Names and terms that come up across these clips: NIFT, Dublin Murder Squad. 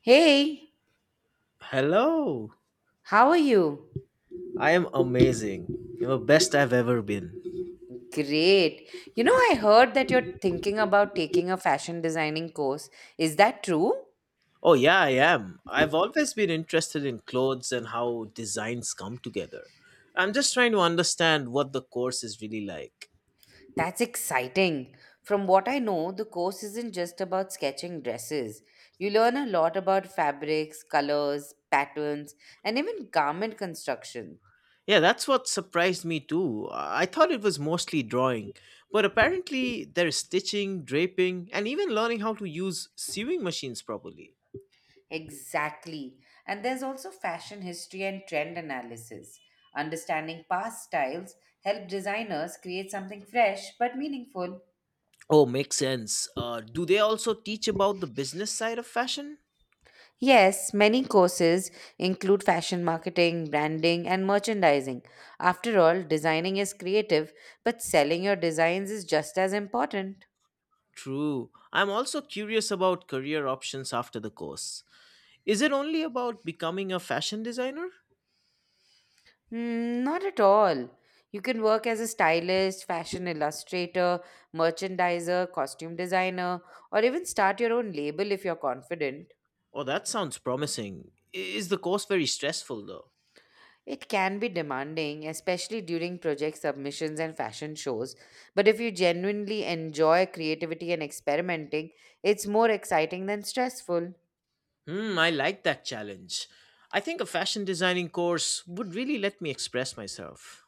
Hey, Hello. how are you? I am amazing. You're the best I've ever been. Great. You know, I heard that you're thinking about taking a fashion designing course. Is that true? Oh, yeah, I am. I've always been interested in clothes and how designs come together. I'm just trying to understand what the course is really like. That's exciting. From what I know, the course isn't just about sketching dresses. You learn a lot about fabrics, colors, patterns, and even garment construction. Yeah, that's what surprised me too. I thought it was mostly drawing, but apparently there's stitching, draping, and even learning how to use sewing machines properly. Exactly. And there's also fashion history and trend analysis. Understanding past styles help designers create something fresh but meaningful. Oh, makes sense. Do they also teach about the business side of fashion? Yes, many courses include fashion marketing, branding, and merchandising. After all, designing is creative, but selling your designs is just as important. True. I'm also curious about career options after the course. Is it only about becoming a fashion designer? Hmm, not at all. You can work as a stylist, fashion illustrator, merchandiser, costume designer, or even start your own label if you're confident. Oh, that sounds promising. Is the course very stressful though? It can be demanding, especially during project submissions and fashion shows. But if you genuinely enjoy creativity and experimenting, it's more exciting than stressful. Hmm, I like that challenge. I think a fashion designing course would really let me express myself.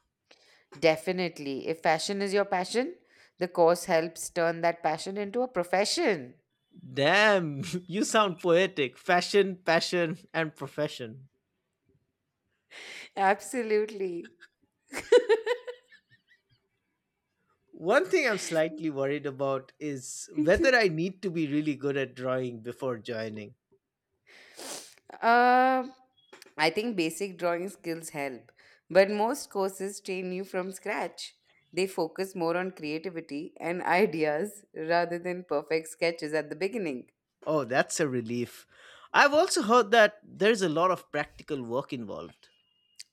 Definitely. If fashion is your passion, the course helps turn that passion into a profession. Damn, you sound poetic. Fashion, passion, and profession. Absolutely. One thing I'm slightly worried about is whether I need to be really good at drawing before joining. Uh, I think basic drawing skills help, but most courses train you from scratch. They focus more on creativity and ideas rather than perfect sketches at the beginning. Oh, that's a relief. I've also heard that there's a lot of practical work involved.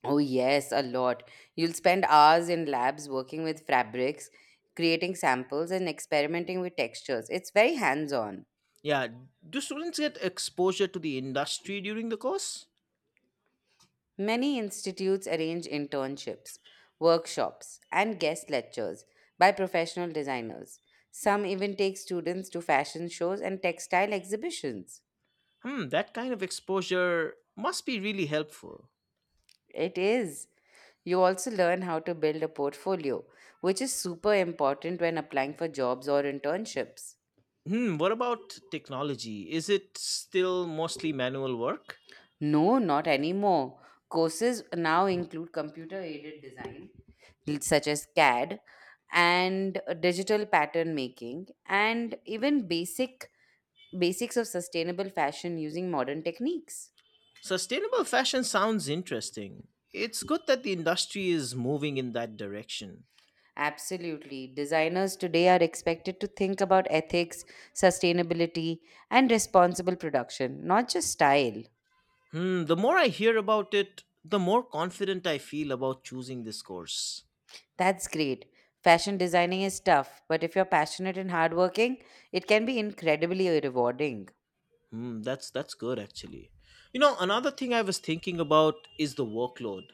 Oh, yes, a lot. You'll spend hours in labs working with fabrics, creating samples, and experimenting with textures. It's very hands on. Yeah, do students get exposure to the industry during the course? Many institutes arrange internships, workshops, and guest lectures by professional designers. Some even take students to fashion shows and textile exhibitions. Hmm, that kind of exposure must be really helpful. It is. You also learn how to build a portfolio, which is super important when applying for jobs or internships. Hmm, what about technology? Is it still mostly manual work? No, not anymore. Courses now include computer aided design, such as CAD, and digital pattern making, and even Basics of sustainable fashion using modern techniques. Sustainable fashion sounds interesting. It's good that the industry is moving in that direction. Absolutely. Designers today are expected to think about ethics, sustainability, and responsible production, not just style. Hmm, the more I hear about it, the more confident I feel about choosing this course. That's great. Fashion designing is tough, but if you're passionate and hardworking, it can be incredibly rewarding. Hmm, that's good actually. You know, another thing I was thinking about is the workload.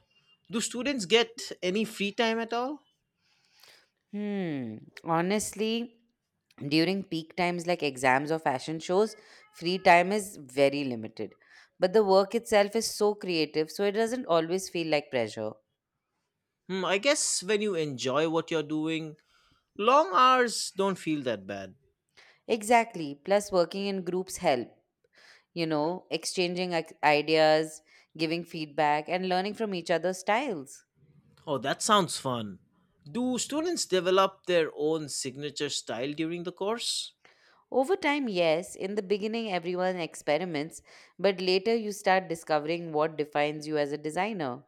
Do students get any free time at all? Hmm. Honestly, during peak times like exams or fashion shows, free time is very limited. But the work itself is so creative, so it doesn't always feel like pressure. Hmm, I guess when you enjoy what you're doing, long hours don't feel that bad. Exactly. Plus, working in groups help, exchanging ideas, giving feedback, and learning from each other's styles. Oh, that sounds fun. Do students develop their own signature style during the course? Over time, yes, in the beginning, everyone experiments, but later you start discovering what defines you as a designer.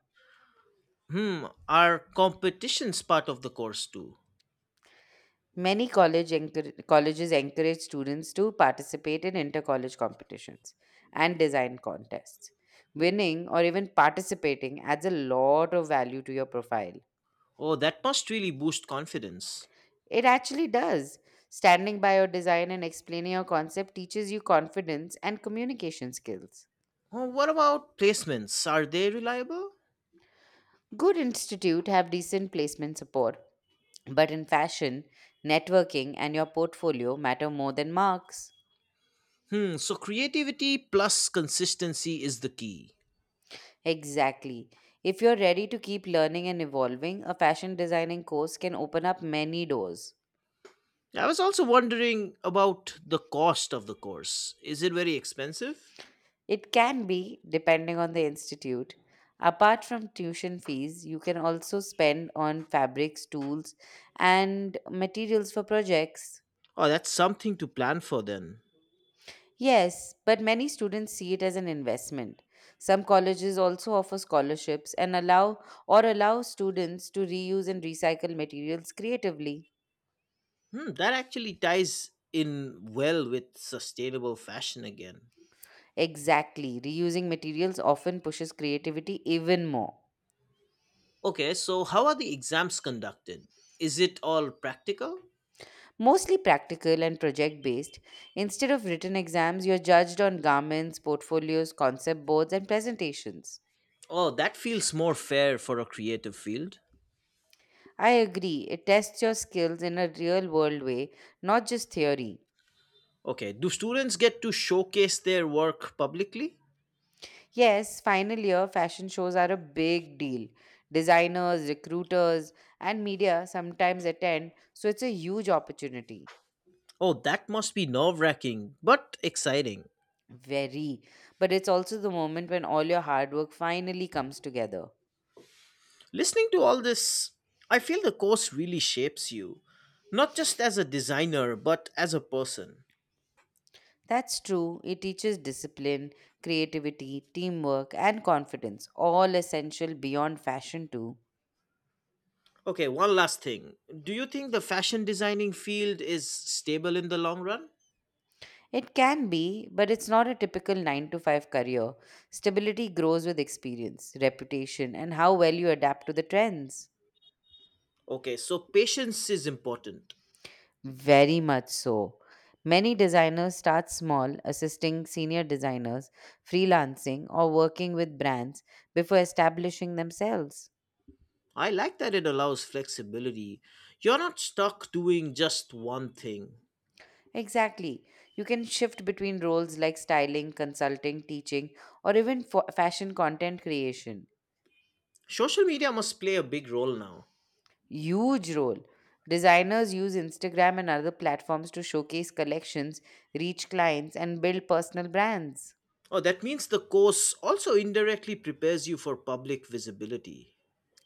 Hmm, are competitions part of the course too? Many colleges encourage students to participate in inter college competitions and design contests. Winning or even participating adds a lot of value to your profile. Oh, that must really boost confidence. It actually does. Standing by your design and explaining your concept teaches you confidence and communication skills. Oh, what about placements? Are they reliable? Good institute have decent placement support, but in fashion, networking and your portfolio matter more than marks. Hmm, so creativity plus consistency is the key. Exactly. If you're ready to keep learning and evolving, a fashion designing course can open up many doors. I was also wondering about the cost of the course. Is it very expensive? It can be, depending on the institute. Apart from tuition fees, you can also spend on fabrics, tools, and materials for projects. Oh, that's something to plan for then. Yes, but many students see it as an investment. Some colleges also offer scholarships and allow students to reuse and recycle materials creatively. Hmm, that actually ties in well with sustainable fashion again. Exactly, reusing materials often pushes creativity even more. Okay, so how are the exams conducted? Is it all practical? Mostly practical and project based. Instead of written exams, you're judged on garments, portfolios, concept boards, and presentations. Oh, that feels more fair for a creative field. I agree, it tests your skills in a real world way, not just theory. Okay, do students get to showcase their work publicly? Yes, final year fashion shows are a big deal. Designers, recruiters, and media sometimes attend, so it's a huge opportunity. Oh, that must be nerve wracking, but exciting. Very. But it's also the moment when all your hard work finally comes together. Listening to all this, I feel the course really shapes you, not just as a designer, but as a person. That's true. It teaches discipline, creativity, teamwork, and confidence, all essential beyond fashion, too. Okay, one last thing. Do you think the fashion designing field is stable in the long run? It can be, but it's not a typical 9 to 5 career. Stability grows with experience, reputation, and how well you adapt to the trends. Okay, so patience is important. Very much so. Many designers start small, assisting senior designers, freelancing, or working with brands before establishing themselves. I like that it allows flexibility. You're not stuck doing just one thing. Exactly. You can shift between roles like styling, consulting, teaching, or even fashion content creation. Social media must play a big role now. Huge role. Designers use Instagram and other platforms to showcase collections, reach clients, and build personal brands. Oh, that means the course also indirectly prepares you for public visibility.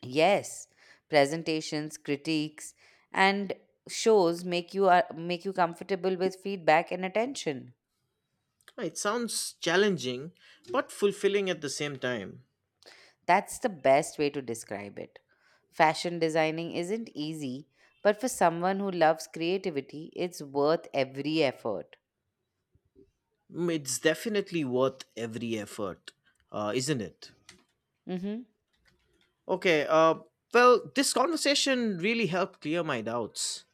Yes, presentations, critiques, and shows make you comfortable with feedback and attention. Well, it sounds challenging, but fulfilling at the same time. That's the best way to describe it. Fashion designing isn't easy, but for someone who loves creativity, it's worth every effort. Mm, it's definitely worth every effort, isn't it? Mm-hmm. Okay, well, this conversation really helped clear my doubts.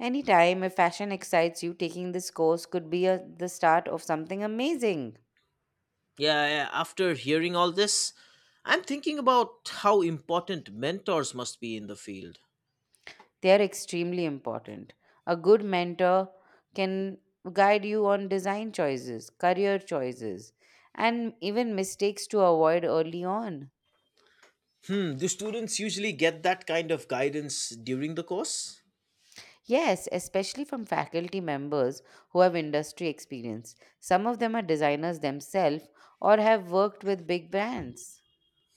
Anytime if fashion excites you, taking this course could be the start of something amazing. Yeah, yeah, after hearing all this, I'm thinking about how important mentors must be in the field. They are extremely important. A good mentor can guide you on design choices, career choices, and even mistakes to avoid early on. Hmm, do students usually get that kind of guidance during the course? Yes, especially from faculty members who have industry experience. Some of them are designers themselves or have worked with big brands.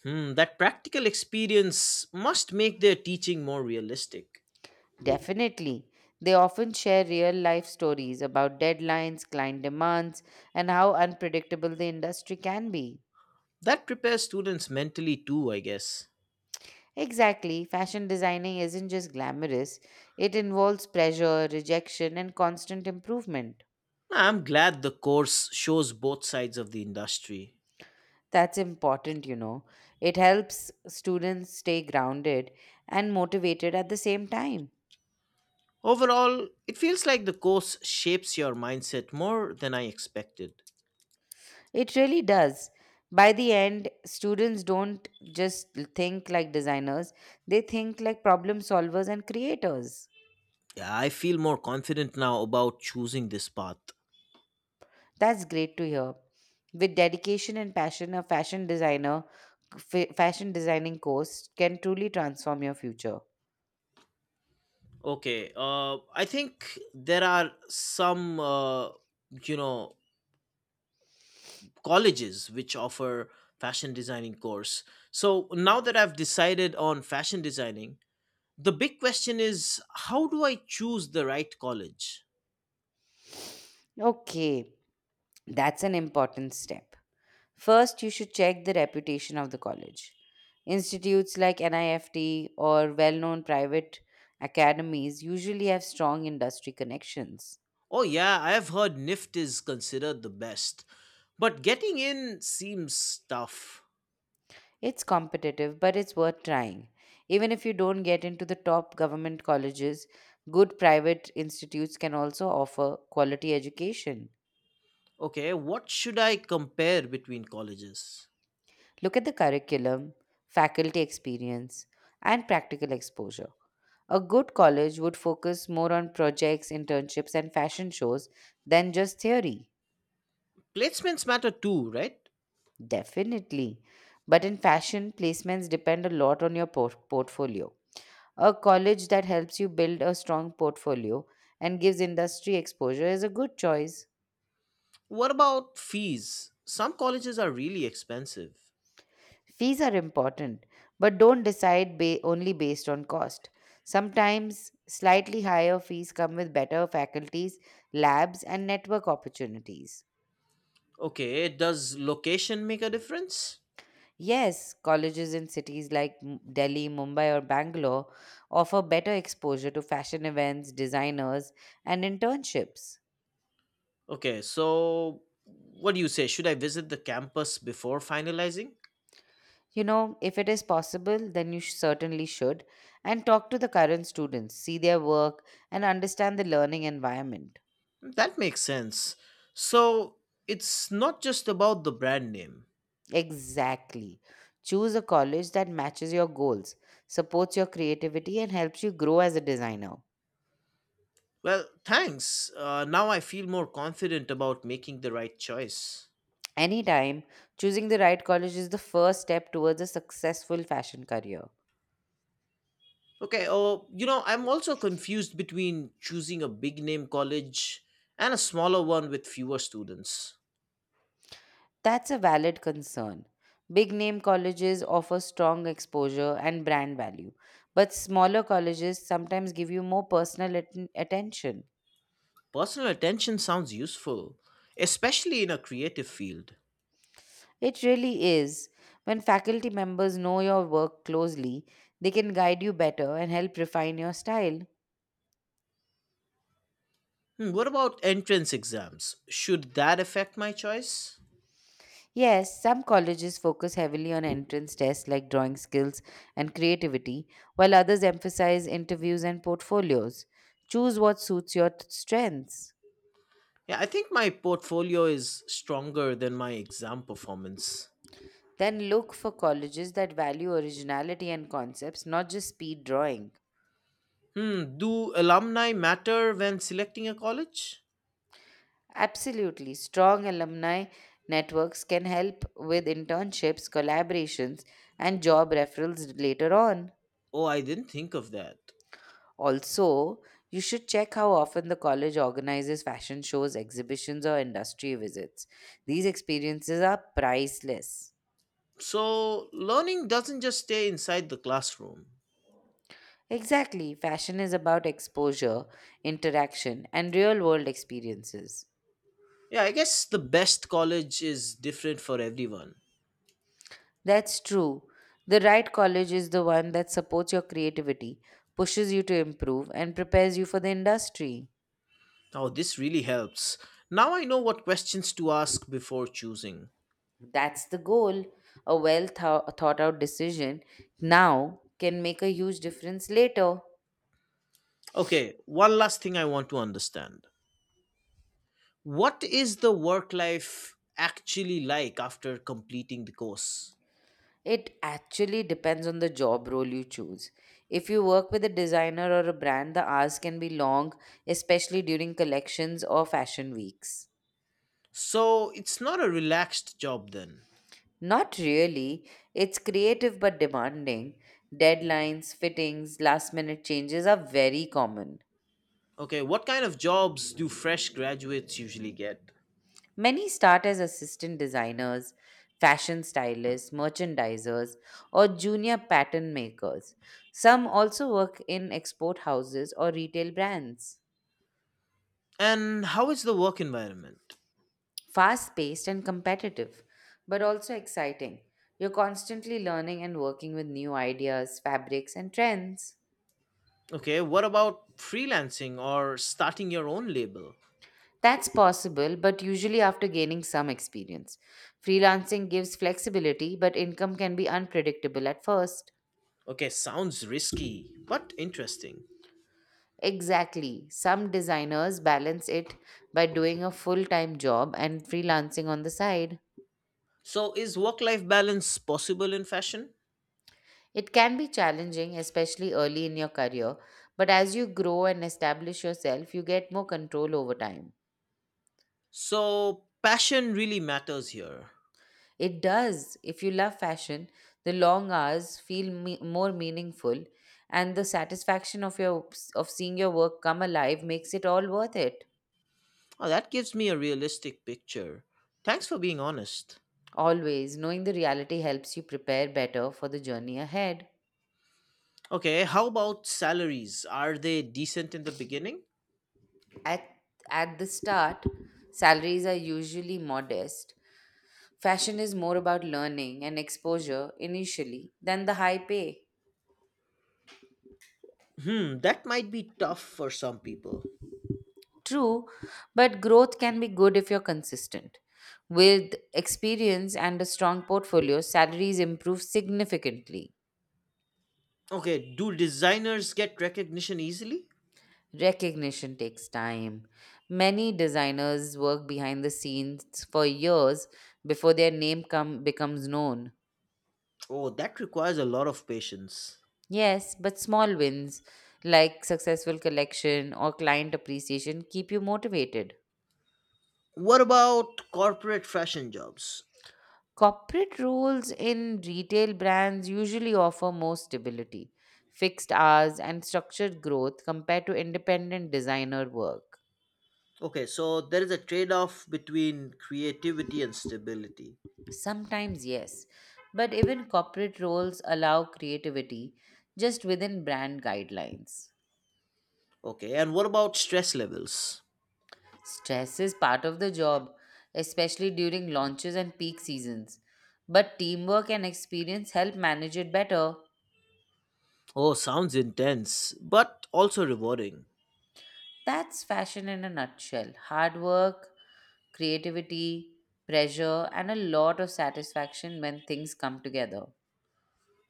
Hmm, that practical experience must make their teaching more realistic. Definitely. They often share real life stories about deadlines, client demands, and how unpredictable the industry can be. That prepares students mentally too, I guess. Exactly, fashion designing isn't just glamorous, it involves pressure, rejection, and constant improvement. I'm glad the course shows both sides of the industry. That's important, you know. It helps students stay grounded and motivated at the same time. Overall, it feels like the course shapes your mindset more than I expected. It really does. By the end, students don't just think like designers, they think like problem solvers and creators. Yeah, I feel more confident now about choosing this path. That's great to hear. With dedication and passion, a fashion designing course can truly transform your future. Okay, I think there are some, you know, colleges which offer fashion designing course. So now that I've decided on fashion designing, the big question is, how do I choose the right college? Okay, that's an important step. First, you should check the reputation of the college. Institutes like NIFT or well known private academies usually have strong industry connections. Oh, yeah, I have heard NIFT is considered the best, but getting in seems tough. It's competitive, but it's worth trying. Even if you don't get into the top government colleges, good private institutes can also offer quality education. Okay, what should I compare between colleges? Look at the curriculum, faculty experience, and practical exposure. A good college would focus more on projects, internships, and fashion shows than just theory. Placements matter too, right? Definitely. But in fashion, placements depend a lot on your portfolio. A college that helps you build a strong portfolio and gives industry exposure is a good choice. What about fees? Some colleges are really expensive. Fees are important, but don't only based on cost. Sometimes slightly higher fees come with better faculties, labs, and network opportunities. Okay, does location make a difference? Yes, colleges in cities like Delhi, Mumbai, or Bangalore offer better exposure to fashion events, designers, and internships. Okay, so what do you say? Should I visit the campus before finalizing? You know, if it is possible, then you certainly should. And talk to the current students, see their work, and understand the learning environment. That makes sense. So it's not just about the brand name. Exactly. Choose a college that matches your goals, supports your creativity, and helps you grow as a designer. Well, thanks. Now I feel more confident about making the right choice. Anytime, choosing the right college is the first step towards a successful fashion career. Okay, oh, you know, I'm also confused between choosing a big name college and a smaller one with fewer students. That's a valid concern. Big name colleges offer strong exposure and brand value, but smaller colleges sometimes give you more personal attention. Personal attention sounds useful, especially in a creative field. It really is. When faculty members know your work closely, they can guide you better and help refine your style. Hmm, what about entrance exams? Should that affect my choice? Yes, some colleges focus heavily on entrance tests like drawing skills and creativity, while others emphasize interviews and portfolios. Choose what suits your strengths. Yeah, I think my portfolio is stronger than my exam performance. Then look for colleges that value originality and concepts, not just speed drawing. Hmm, do alumni matter when selecting a college? Absolutely, strong alumni networks can help with internships, collaborations, and job referrals later on. Oh, I didn't think of that. Also, you should check how often the college organizes fashion shows, exhibitions, or industry visits. These experiences are priceless. So, learning doesn't just stay inside the classroom. Exactly, fashion is about exposure, interaction, and real world experiences. Yeah, I guess the best college is different for everyone. That's true. The right college is the one that supports your creativity, pushes you to improve, and prepares you for the industry. Oh, this really helps. Now I know what questions to ask before choosing. That's the goal. A well thought out decision now can make a huge difference later. Okay, one last thing I want to understand. What is the work life actually like after completing the course? It actually depends on the job role you choose. If you work with a designer or a brand, the hours can be long, especially during collections or fashion weeks. So it's not a relaxed job then. Not really. It's creative but demanding. Deadlines, fittings, last minute changes are very common. Okay, what kind of jobs do fresh graduates usually get? Many start as assistant designers, fashion stylists, merchandisers, or junior pattern makers. Some also work in export houses or retail brands. And how is the work environment? Fast paced and competitive, but also exciting. You're constantly learning and working with new ideas, fabrics, and trends. Okay, what about freelancing or starting your own label? That's possible, but usually after gaining some experience. Freelancing gives flexibility, but income can be unpredictable at first. Okay, sounds risky, but interesting. Exactly. Some designers balance it by doing a full time job and freelancing on the side. So is work life balance possible in fashion? It can be challenging, especially early in your career, but as you grow and establish yourself, you get more control over time. So passion really matters here. It does. If you love fashion, the long hours feel more meaningful, and the satisfaction of seeing your work come alive makes it all worth it. Oh, that gives me a realistic picture. Thanks for being honest. Always knowing the reality helps you prepare better for the journey ahead. Okay, how about salaries? Are they decent in the beginning? At at the start, salaries are usually modest. Fashion is more about learning and exposure initially than the high pay. Hmm, that might be tough for some people. True, but growth can be good if you're consistent. With experience and a strong portfolio, salaries improve significantly. Okay, do designers get recognition easily? Recognition takes time. Many designers work behind the scenes for years before becomes known. Oh, that requires a lot of patience. Yes, but small wins like successful collection or client appreciation keep you motivated. What about corporate fashion jobs? Corporate roles in retail brands usually offer more stability, fixed hours, and structured growth compared to independent designer work. Okay, so there is a trade off between creativity and stability. Sometimes, yes, but even corporate roles allow creativity just within brand guidelines. Okay, and what about stress levels? Stress is part of the job, especially during launches and peak seasons, but teamwork and experience help manage it better. Oh, sounds intense, but also rewarding. That's fashion in a nutshell hard work, creativity, pressure, and a lot of satisfaction when things come together.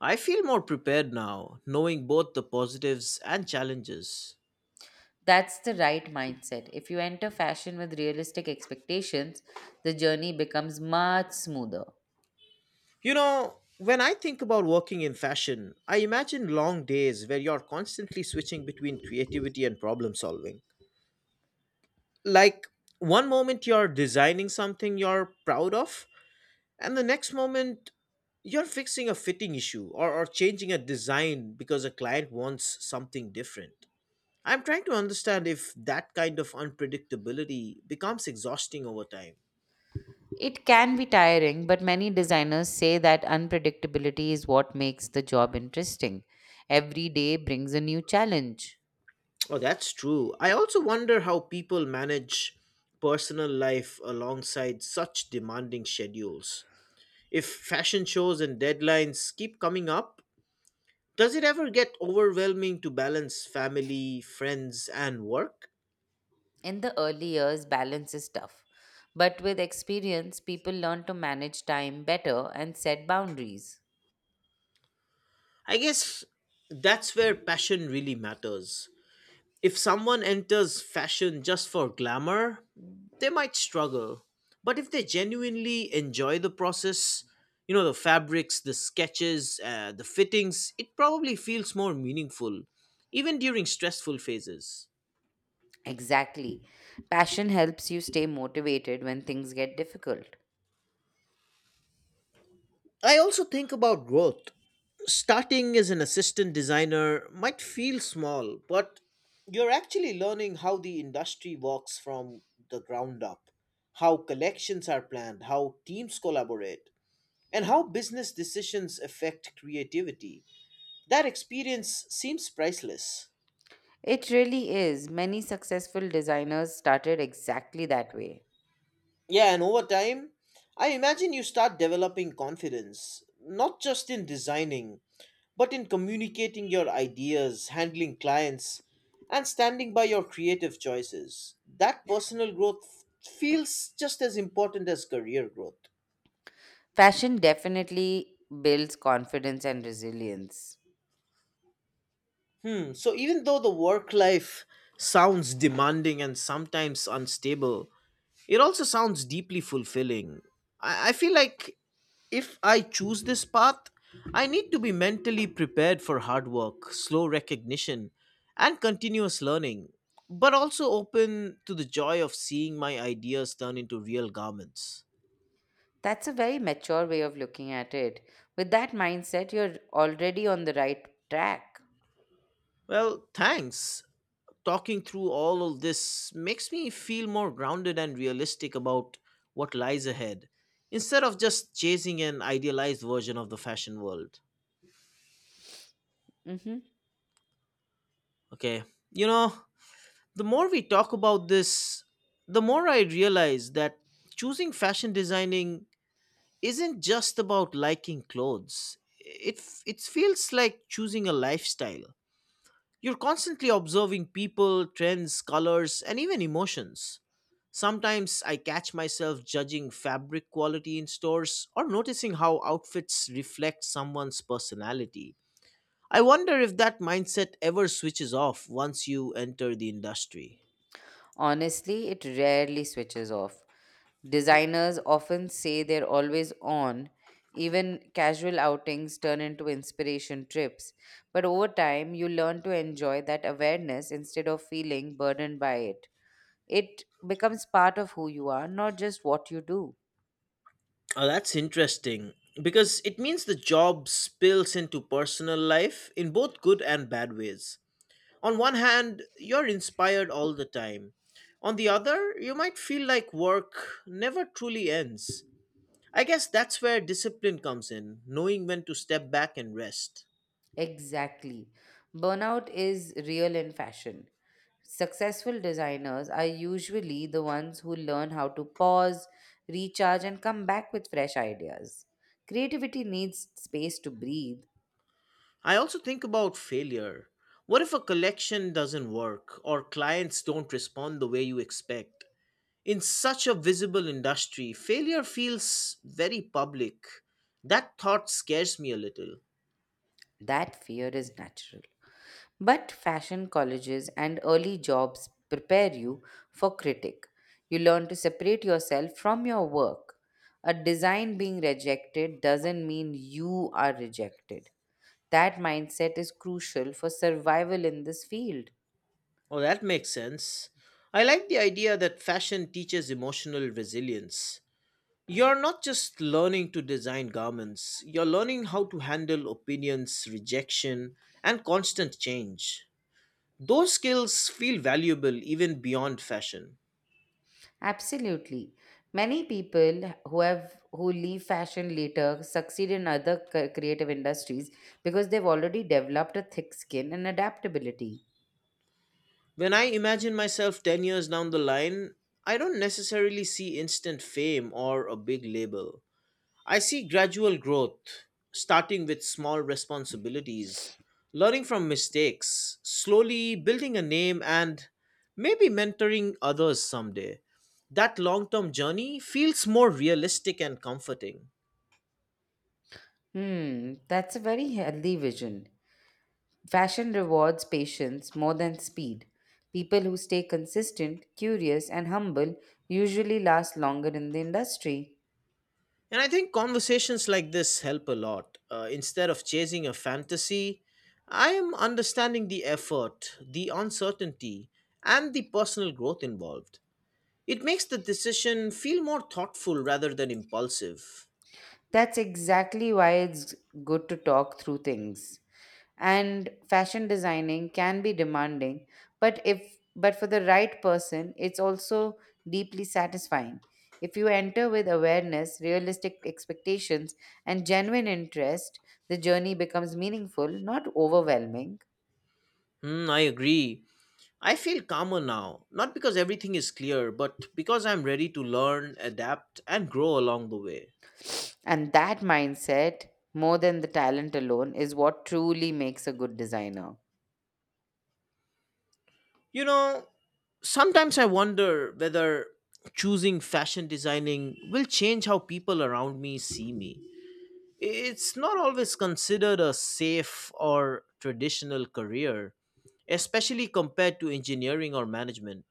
I feel more prepared now, knowing both the positives and challenges. That's the right mindset. If you enter fashion with realistic expectations, the journey becomes much smoother. You know, when I think about working in fashion, I imagine long days where you're constantly switching between creativity and problem solving. Like, one moment you're designing something you're proud of, and the next moment you're fixing a fitting issue or changing a design because a client wants something different. I'm trying to understand if that kind of unpredictability becomes exhausting over time. It can be tiring, but many designers say that unpredictability is what makes the job interesting. Every day brings a new challenge. Oh, that's true. I also wonder how people manage personal life alongside such demanding schedules. If fashion shows and deadlines keep coming up, does it ever get overwhelming to balance family, friends, and work? In the early years, balance is tough. But with experience, people learn to manage time better and set boundaries. I guess that's where passion really matters. If someone enters fashion just for glamour, they might struggle. But if they genuinely enjoy the process, you know, the fabrics, the sketches, the fittings, it probably feels more meaningful, even during stressful phases. Exactly. Passion helps you stay motivated when things get difficult. I also think about growth. Starting as an assistant designer might feel small, but you're actually learning how the industry works from the ground up, how collections are planned, how teams collaborate, and how business decisions affect creativity. That experience seems priceless. It really is. Many successful designers started exactly that way. Yeah, and over time, I imagine you start developing confidence, not just in designing, but in communicating your ideas, handling clients, and standing by your creative choices. That personal growth feels just as important as career growth. Fashion definitely builds confidence and resilience. Hmm, so even though the work life sounds demanding and sometimes unstable, it also sounds deeply fulfilling. I feel like if I choose this path, I need to be mentally prepared for hard work, slow recognition, and continuous learning, but also open to the joy of seeing my ideas turn into real garments. That's a very mature way of looking at it. With that mindset, you're already on the right track. Well, thanks. Talking through all of this makes me feel more grounded and realistic about what lies ahead instead of just chasing an idealized version of the fashion world. Mhm. Okay, you know, the more we talk about this, the more I realize that choosing fashion designing isn't just about liking clothes. It feels like choosing a lifestyle. You're constantly observing people, trends, colors, and even emotions. Sometimes I catch myself judging fabric quality in stores or noticing how outfits reflect someone's personality. I wonder if that mindset ever switches off once you enter the industry. Honestly, it rarely switches off. Designers often say they're always on. Even casual outings turn into inspiration trips. But over time, you learn to enjoy that awareness instead of feeling burdened by it. It becomes part of who you are, not just what you do. Oh, that's interesting because it means the job spills into personal life in both good and bad ways. On one hand, you're inspired all the time. On the other, you might feel like work never truly ends. I guess that's where discipline comes in, knowing when to step back and rest. Exactly. Burnout is real in fashion. Successful designers are usually the ones who learn how to pause, recharge, and come back with fresh ideas. Creativity needs space to breathe. I also think about failure. What if a collection doesn't work or clients don't respond the way you expect? In such a visible industry, failure feels very public. That thought scares me a little. That fear is natural. But fashion colleges and early jobs prepare you for critique. You learn to separate yourself from your work. A design being rejected doesn't mean you are rejected. That mindset is crucial for survival in this field. Oh, that makes sense. I like the idea that fashion teaches emotional resilience. You're not just learning to design garments, you're learning how to handle opinions, rejection, and constant change. Those skills feel valuable even beyond fashion. Absolutely. Many people who leave fashion later succeed in other creative industries because they've already developed a thick skin and adaptability. When I imagine myself 10 years down the line, I don't necessarily see instant fame or a big label. I see gradual growth, starting with small responsibilities, learning from mistakes, slowly building a name, and maybe mentoring others someday. That long term journey feels more realistic and comforting. Hmm, that's a very healthy vision. Fashion rewards patience more than speed. People who stay consistent, curious, and humble usually last longer in the industry. And I think conversations like this help a lot. Instead of chasing a fantasy, I am understanding the effort, the uncertainty, and the personal growth involved. It makes the decision feel more thoughtful rather than impulsive. That's exactly why it's good to talk through things. And fashion designing can be demanding, but if but for the right person it's also deeply satisfying. If you enter with awareness, realistic expectations, and genuine interest, the journey becomes meaningful, not overwhelming. Hmm, I agree. I feel calmer now, not because everything is clear, but because I'm ready to learn, adapt, and grow along the way. And that mindset, more than the talent alone, is what truly makes a good designer. You know, sometimes I wonder whether choosing fashion designing will change how people around me see me. It's not always considered a safe or traditional career, especially compared to engineering or management.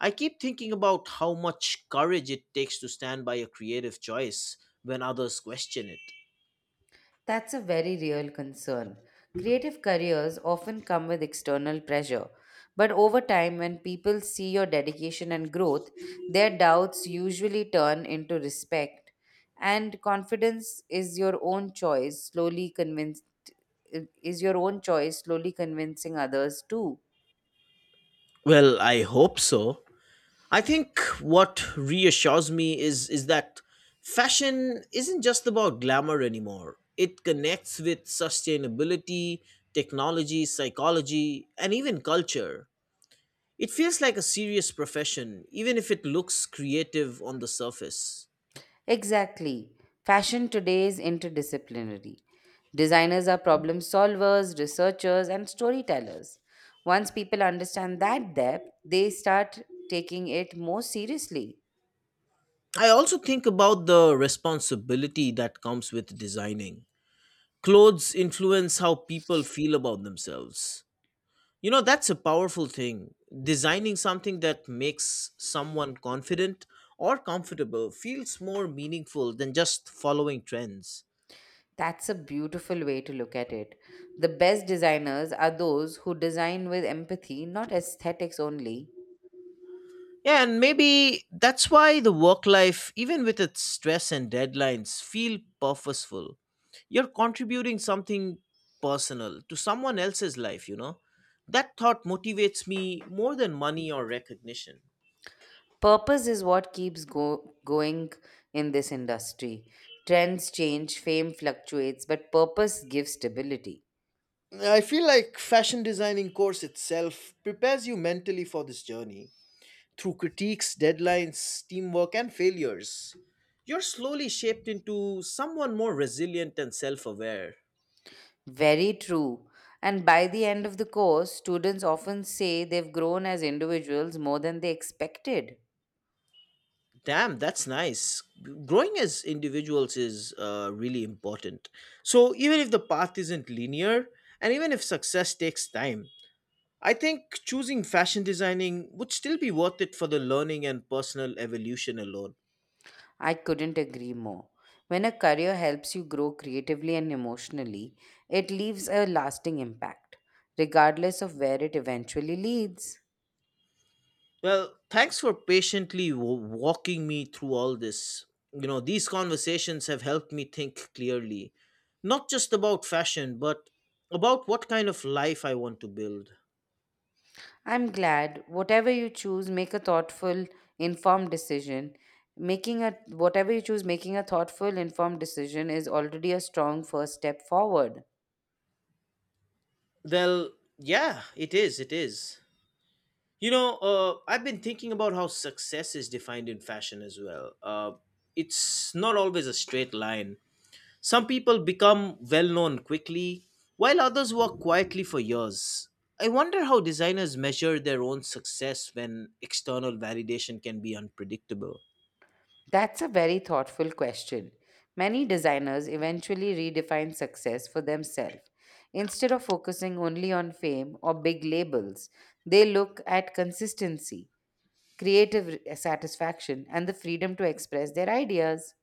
I keep thinking about how much courage it takes to stand by a creative choice when others question it. That's a very real concern. Creative careers often come with external pressure, but over time, when people see your dedication and growth, their doubts usually turn into respect. And confidence is your own choice, slowly convincing others too. Well, I hope so. I think what reassures me is that fashion isn't just about glamour anymore. It connects with sustainability, technology, psychology, and even culture. It feels like a serious profession, even if it looks creative on the surface. Exactly. Fashion today is interdisciplinary. Designers are problem solvers, researchers, and storytellers. Once people understand that depth, they start taking it more seriously. I also think about the responsibility that comes with designing. Clothes influence how people feel about themselves. You know, that's a powerful thing. Designing something that makes someone confident or comfortable feels more meaningful than just following trends. That's a beautiful way to look at it. The best designers are those who design with empathy, not aesthetics only. Yeah, and maybe that's why the work life, even with its stress and deadlines, feel purposeful. You're contributing something personal to someone else's life, you know? That thought motivates me more than money or recognition. Purpose is what keeps going in this industry. Trends change, fame fluctuates, but purpose gives stability. I feel like fashion designing course itself prepares you mentally for this journey. Through critiques, deadlines, teamwork, and failures, you're slowly shaped into someone more resilient and self aware. Very true. And by the end of the course, students often say they've grown as individuals more than they expected. Damn, that's nice. Growing as individuals is really important. So, even if the path isn't linear, and even if success takes time, I think choosing fashion designing would still be worth it for the learning and personal evolution alone. I couldn't agree more. When a career helps you grow creatively and emotionally, it leaves a lasting impact, regardless of where it eventually leads. Well, thanks for patiently walking me through all this. You know, these conversations have helped me think clearly, not just about fashion, but about what kind of life I want to build. I'm glad. Whatever you choose, make a thoughtful, informed decision. Making a whatever you choose, Making a thoughtful, informed decision is already a strong first step forward. Well, yeah, it is. You know, I've been thinking about how success is defined in fashion as well. It's not always a straight line. Some people become well known quickly, while others work quietly for years. I wonder how designers measure their own success when external validation can be unpredictable. That's a very thoughtful question. Many designers eventually redefine success for themselves. Instead of focusing only on fame or big labels, they look at consistency, satisfaction, and the freedom to express their ideas.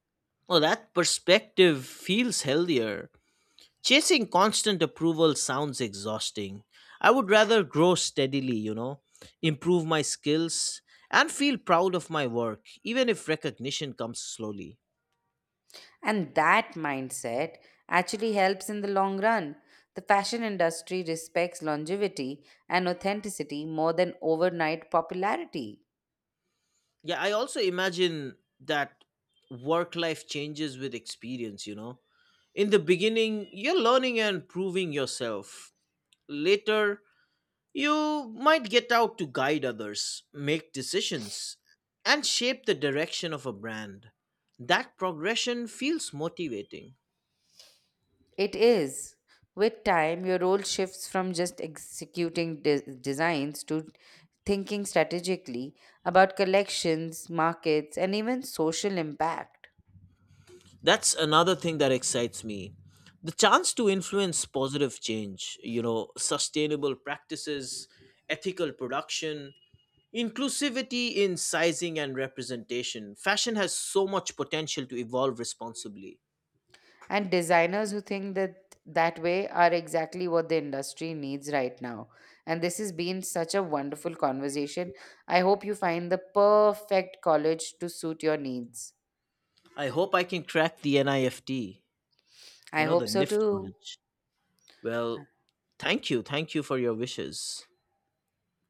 Well, that perspective feels healthier. Chasing constant approval sounds exhausting. I would rather grow steadily, you know, improve my skills, and feel proud of my work, even if recognition comes slowly. And that mindset actually helps in the long run. The fashion industry respects longevity and authenticity more than overnight popularity. Yeah, I also imagine that work life changes with experience, you know. In the beginning, you're learning and proving yourself. Later, you might get out to guide others, make decisions, and shape the direction of a brand. That progression feels motivating. It is. With time, your role shifts from just executing designs to thinking strategically about collections, markets, and even social impact. That's another thing that excites me. The chance to influence positive change, you know, sustainable practices, ethical production, inclusivity in sizing and representation. Fashion has so much potential to evolve responsibly. And designers who think that way are exactly what the industry needs right now. And this has been such a wonderful conversation. I hope you find the perfect college to suit your needs. I hope I can crack the NIFT, I you know, hope the so NIFT too. college. Well, thank you. Thank you for your wishes.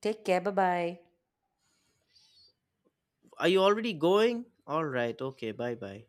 Take care. Bye bye. Are you already going? All right. Okay. Bye bye.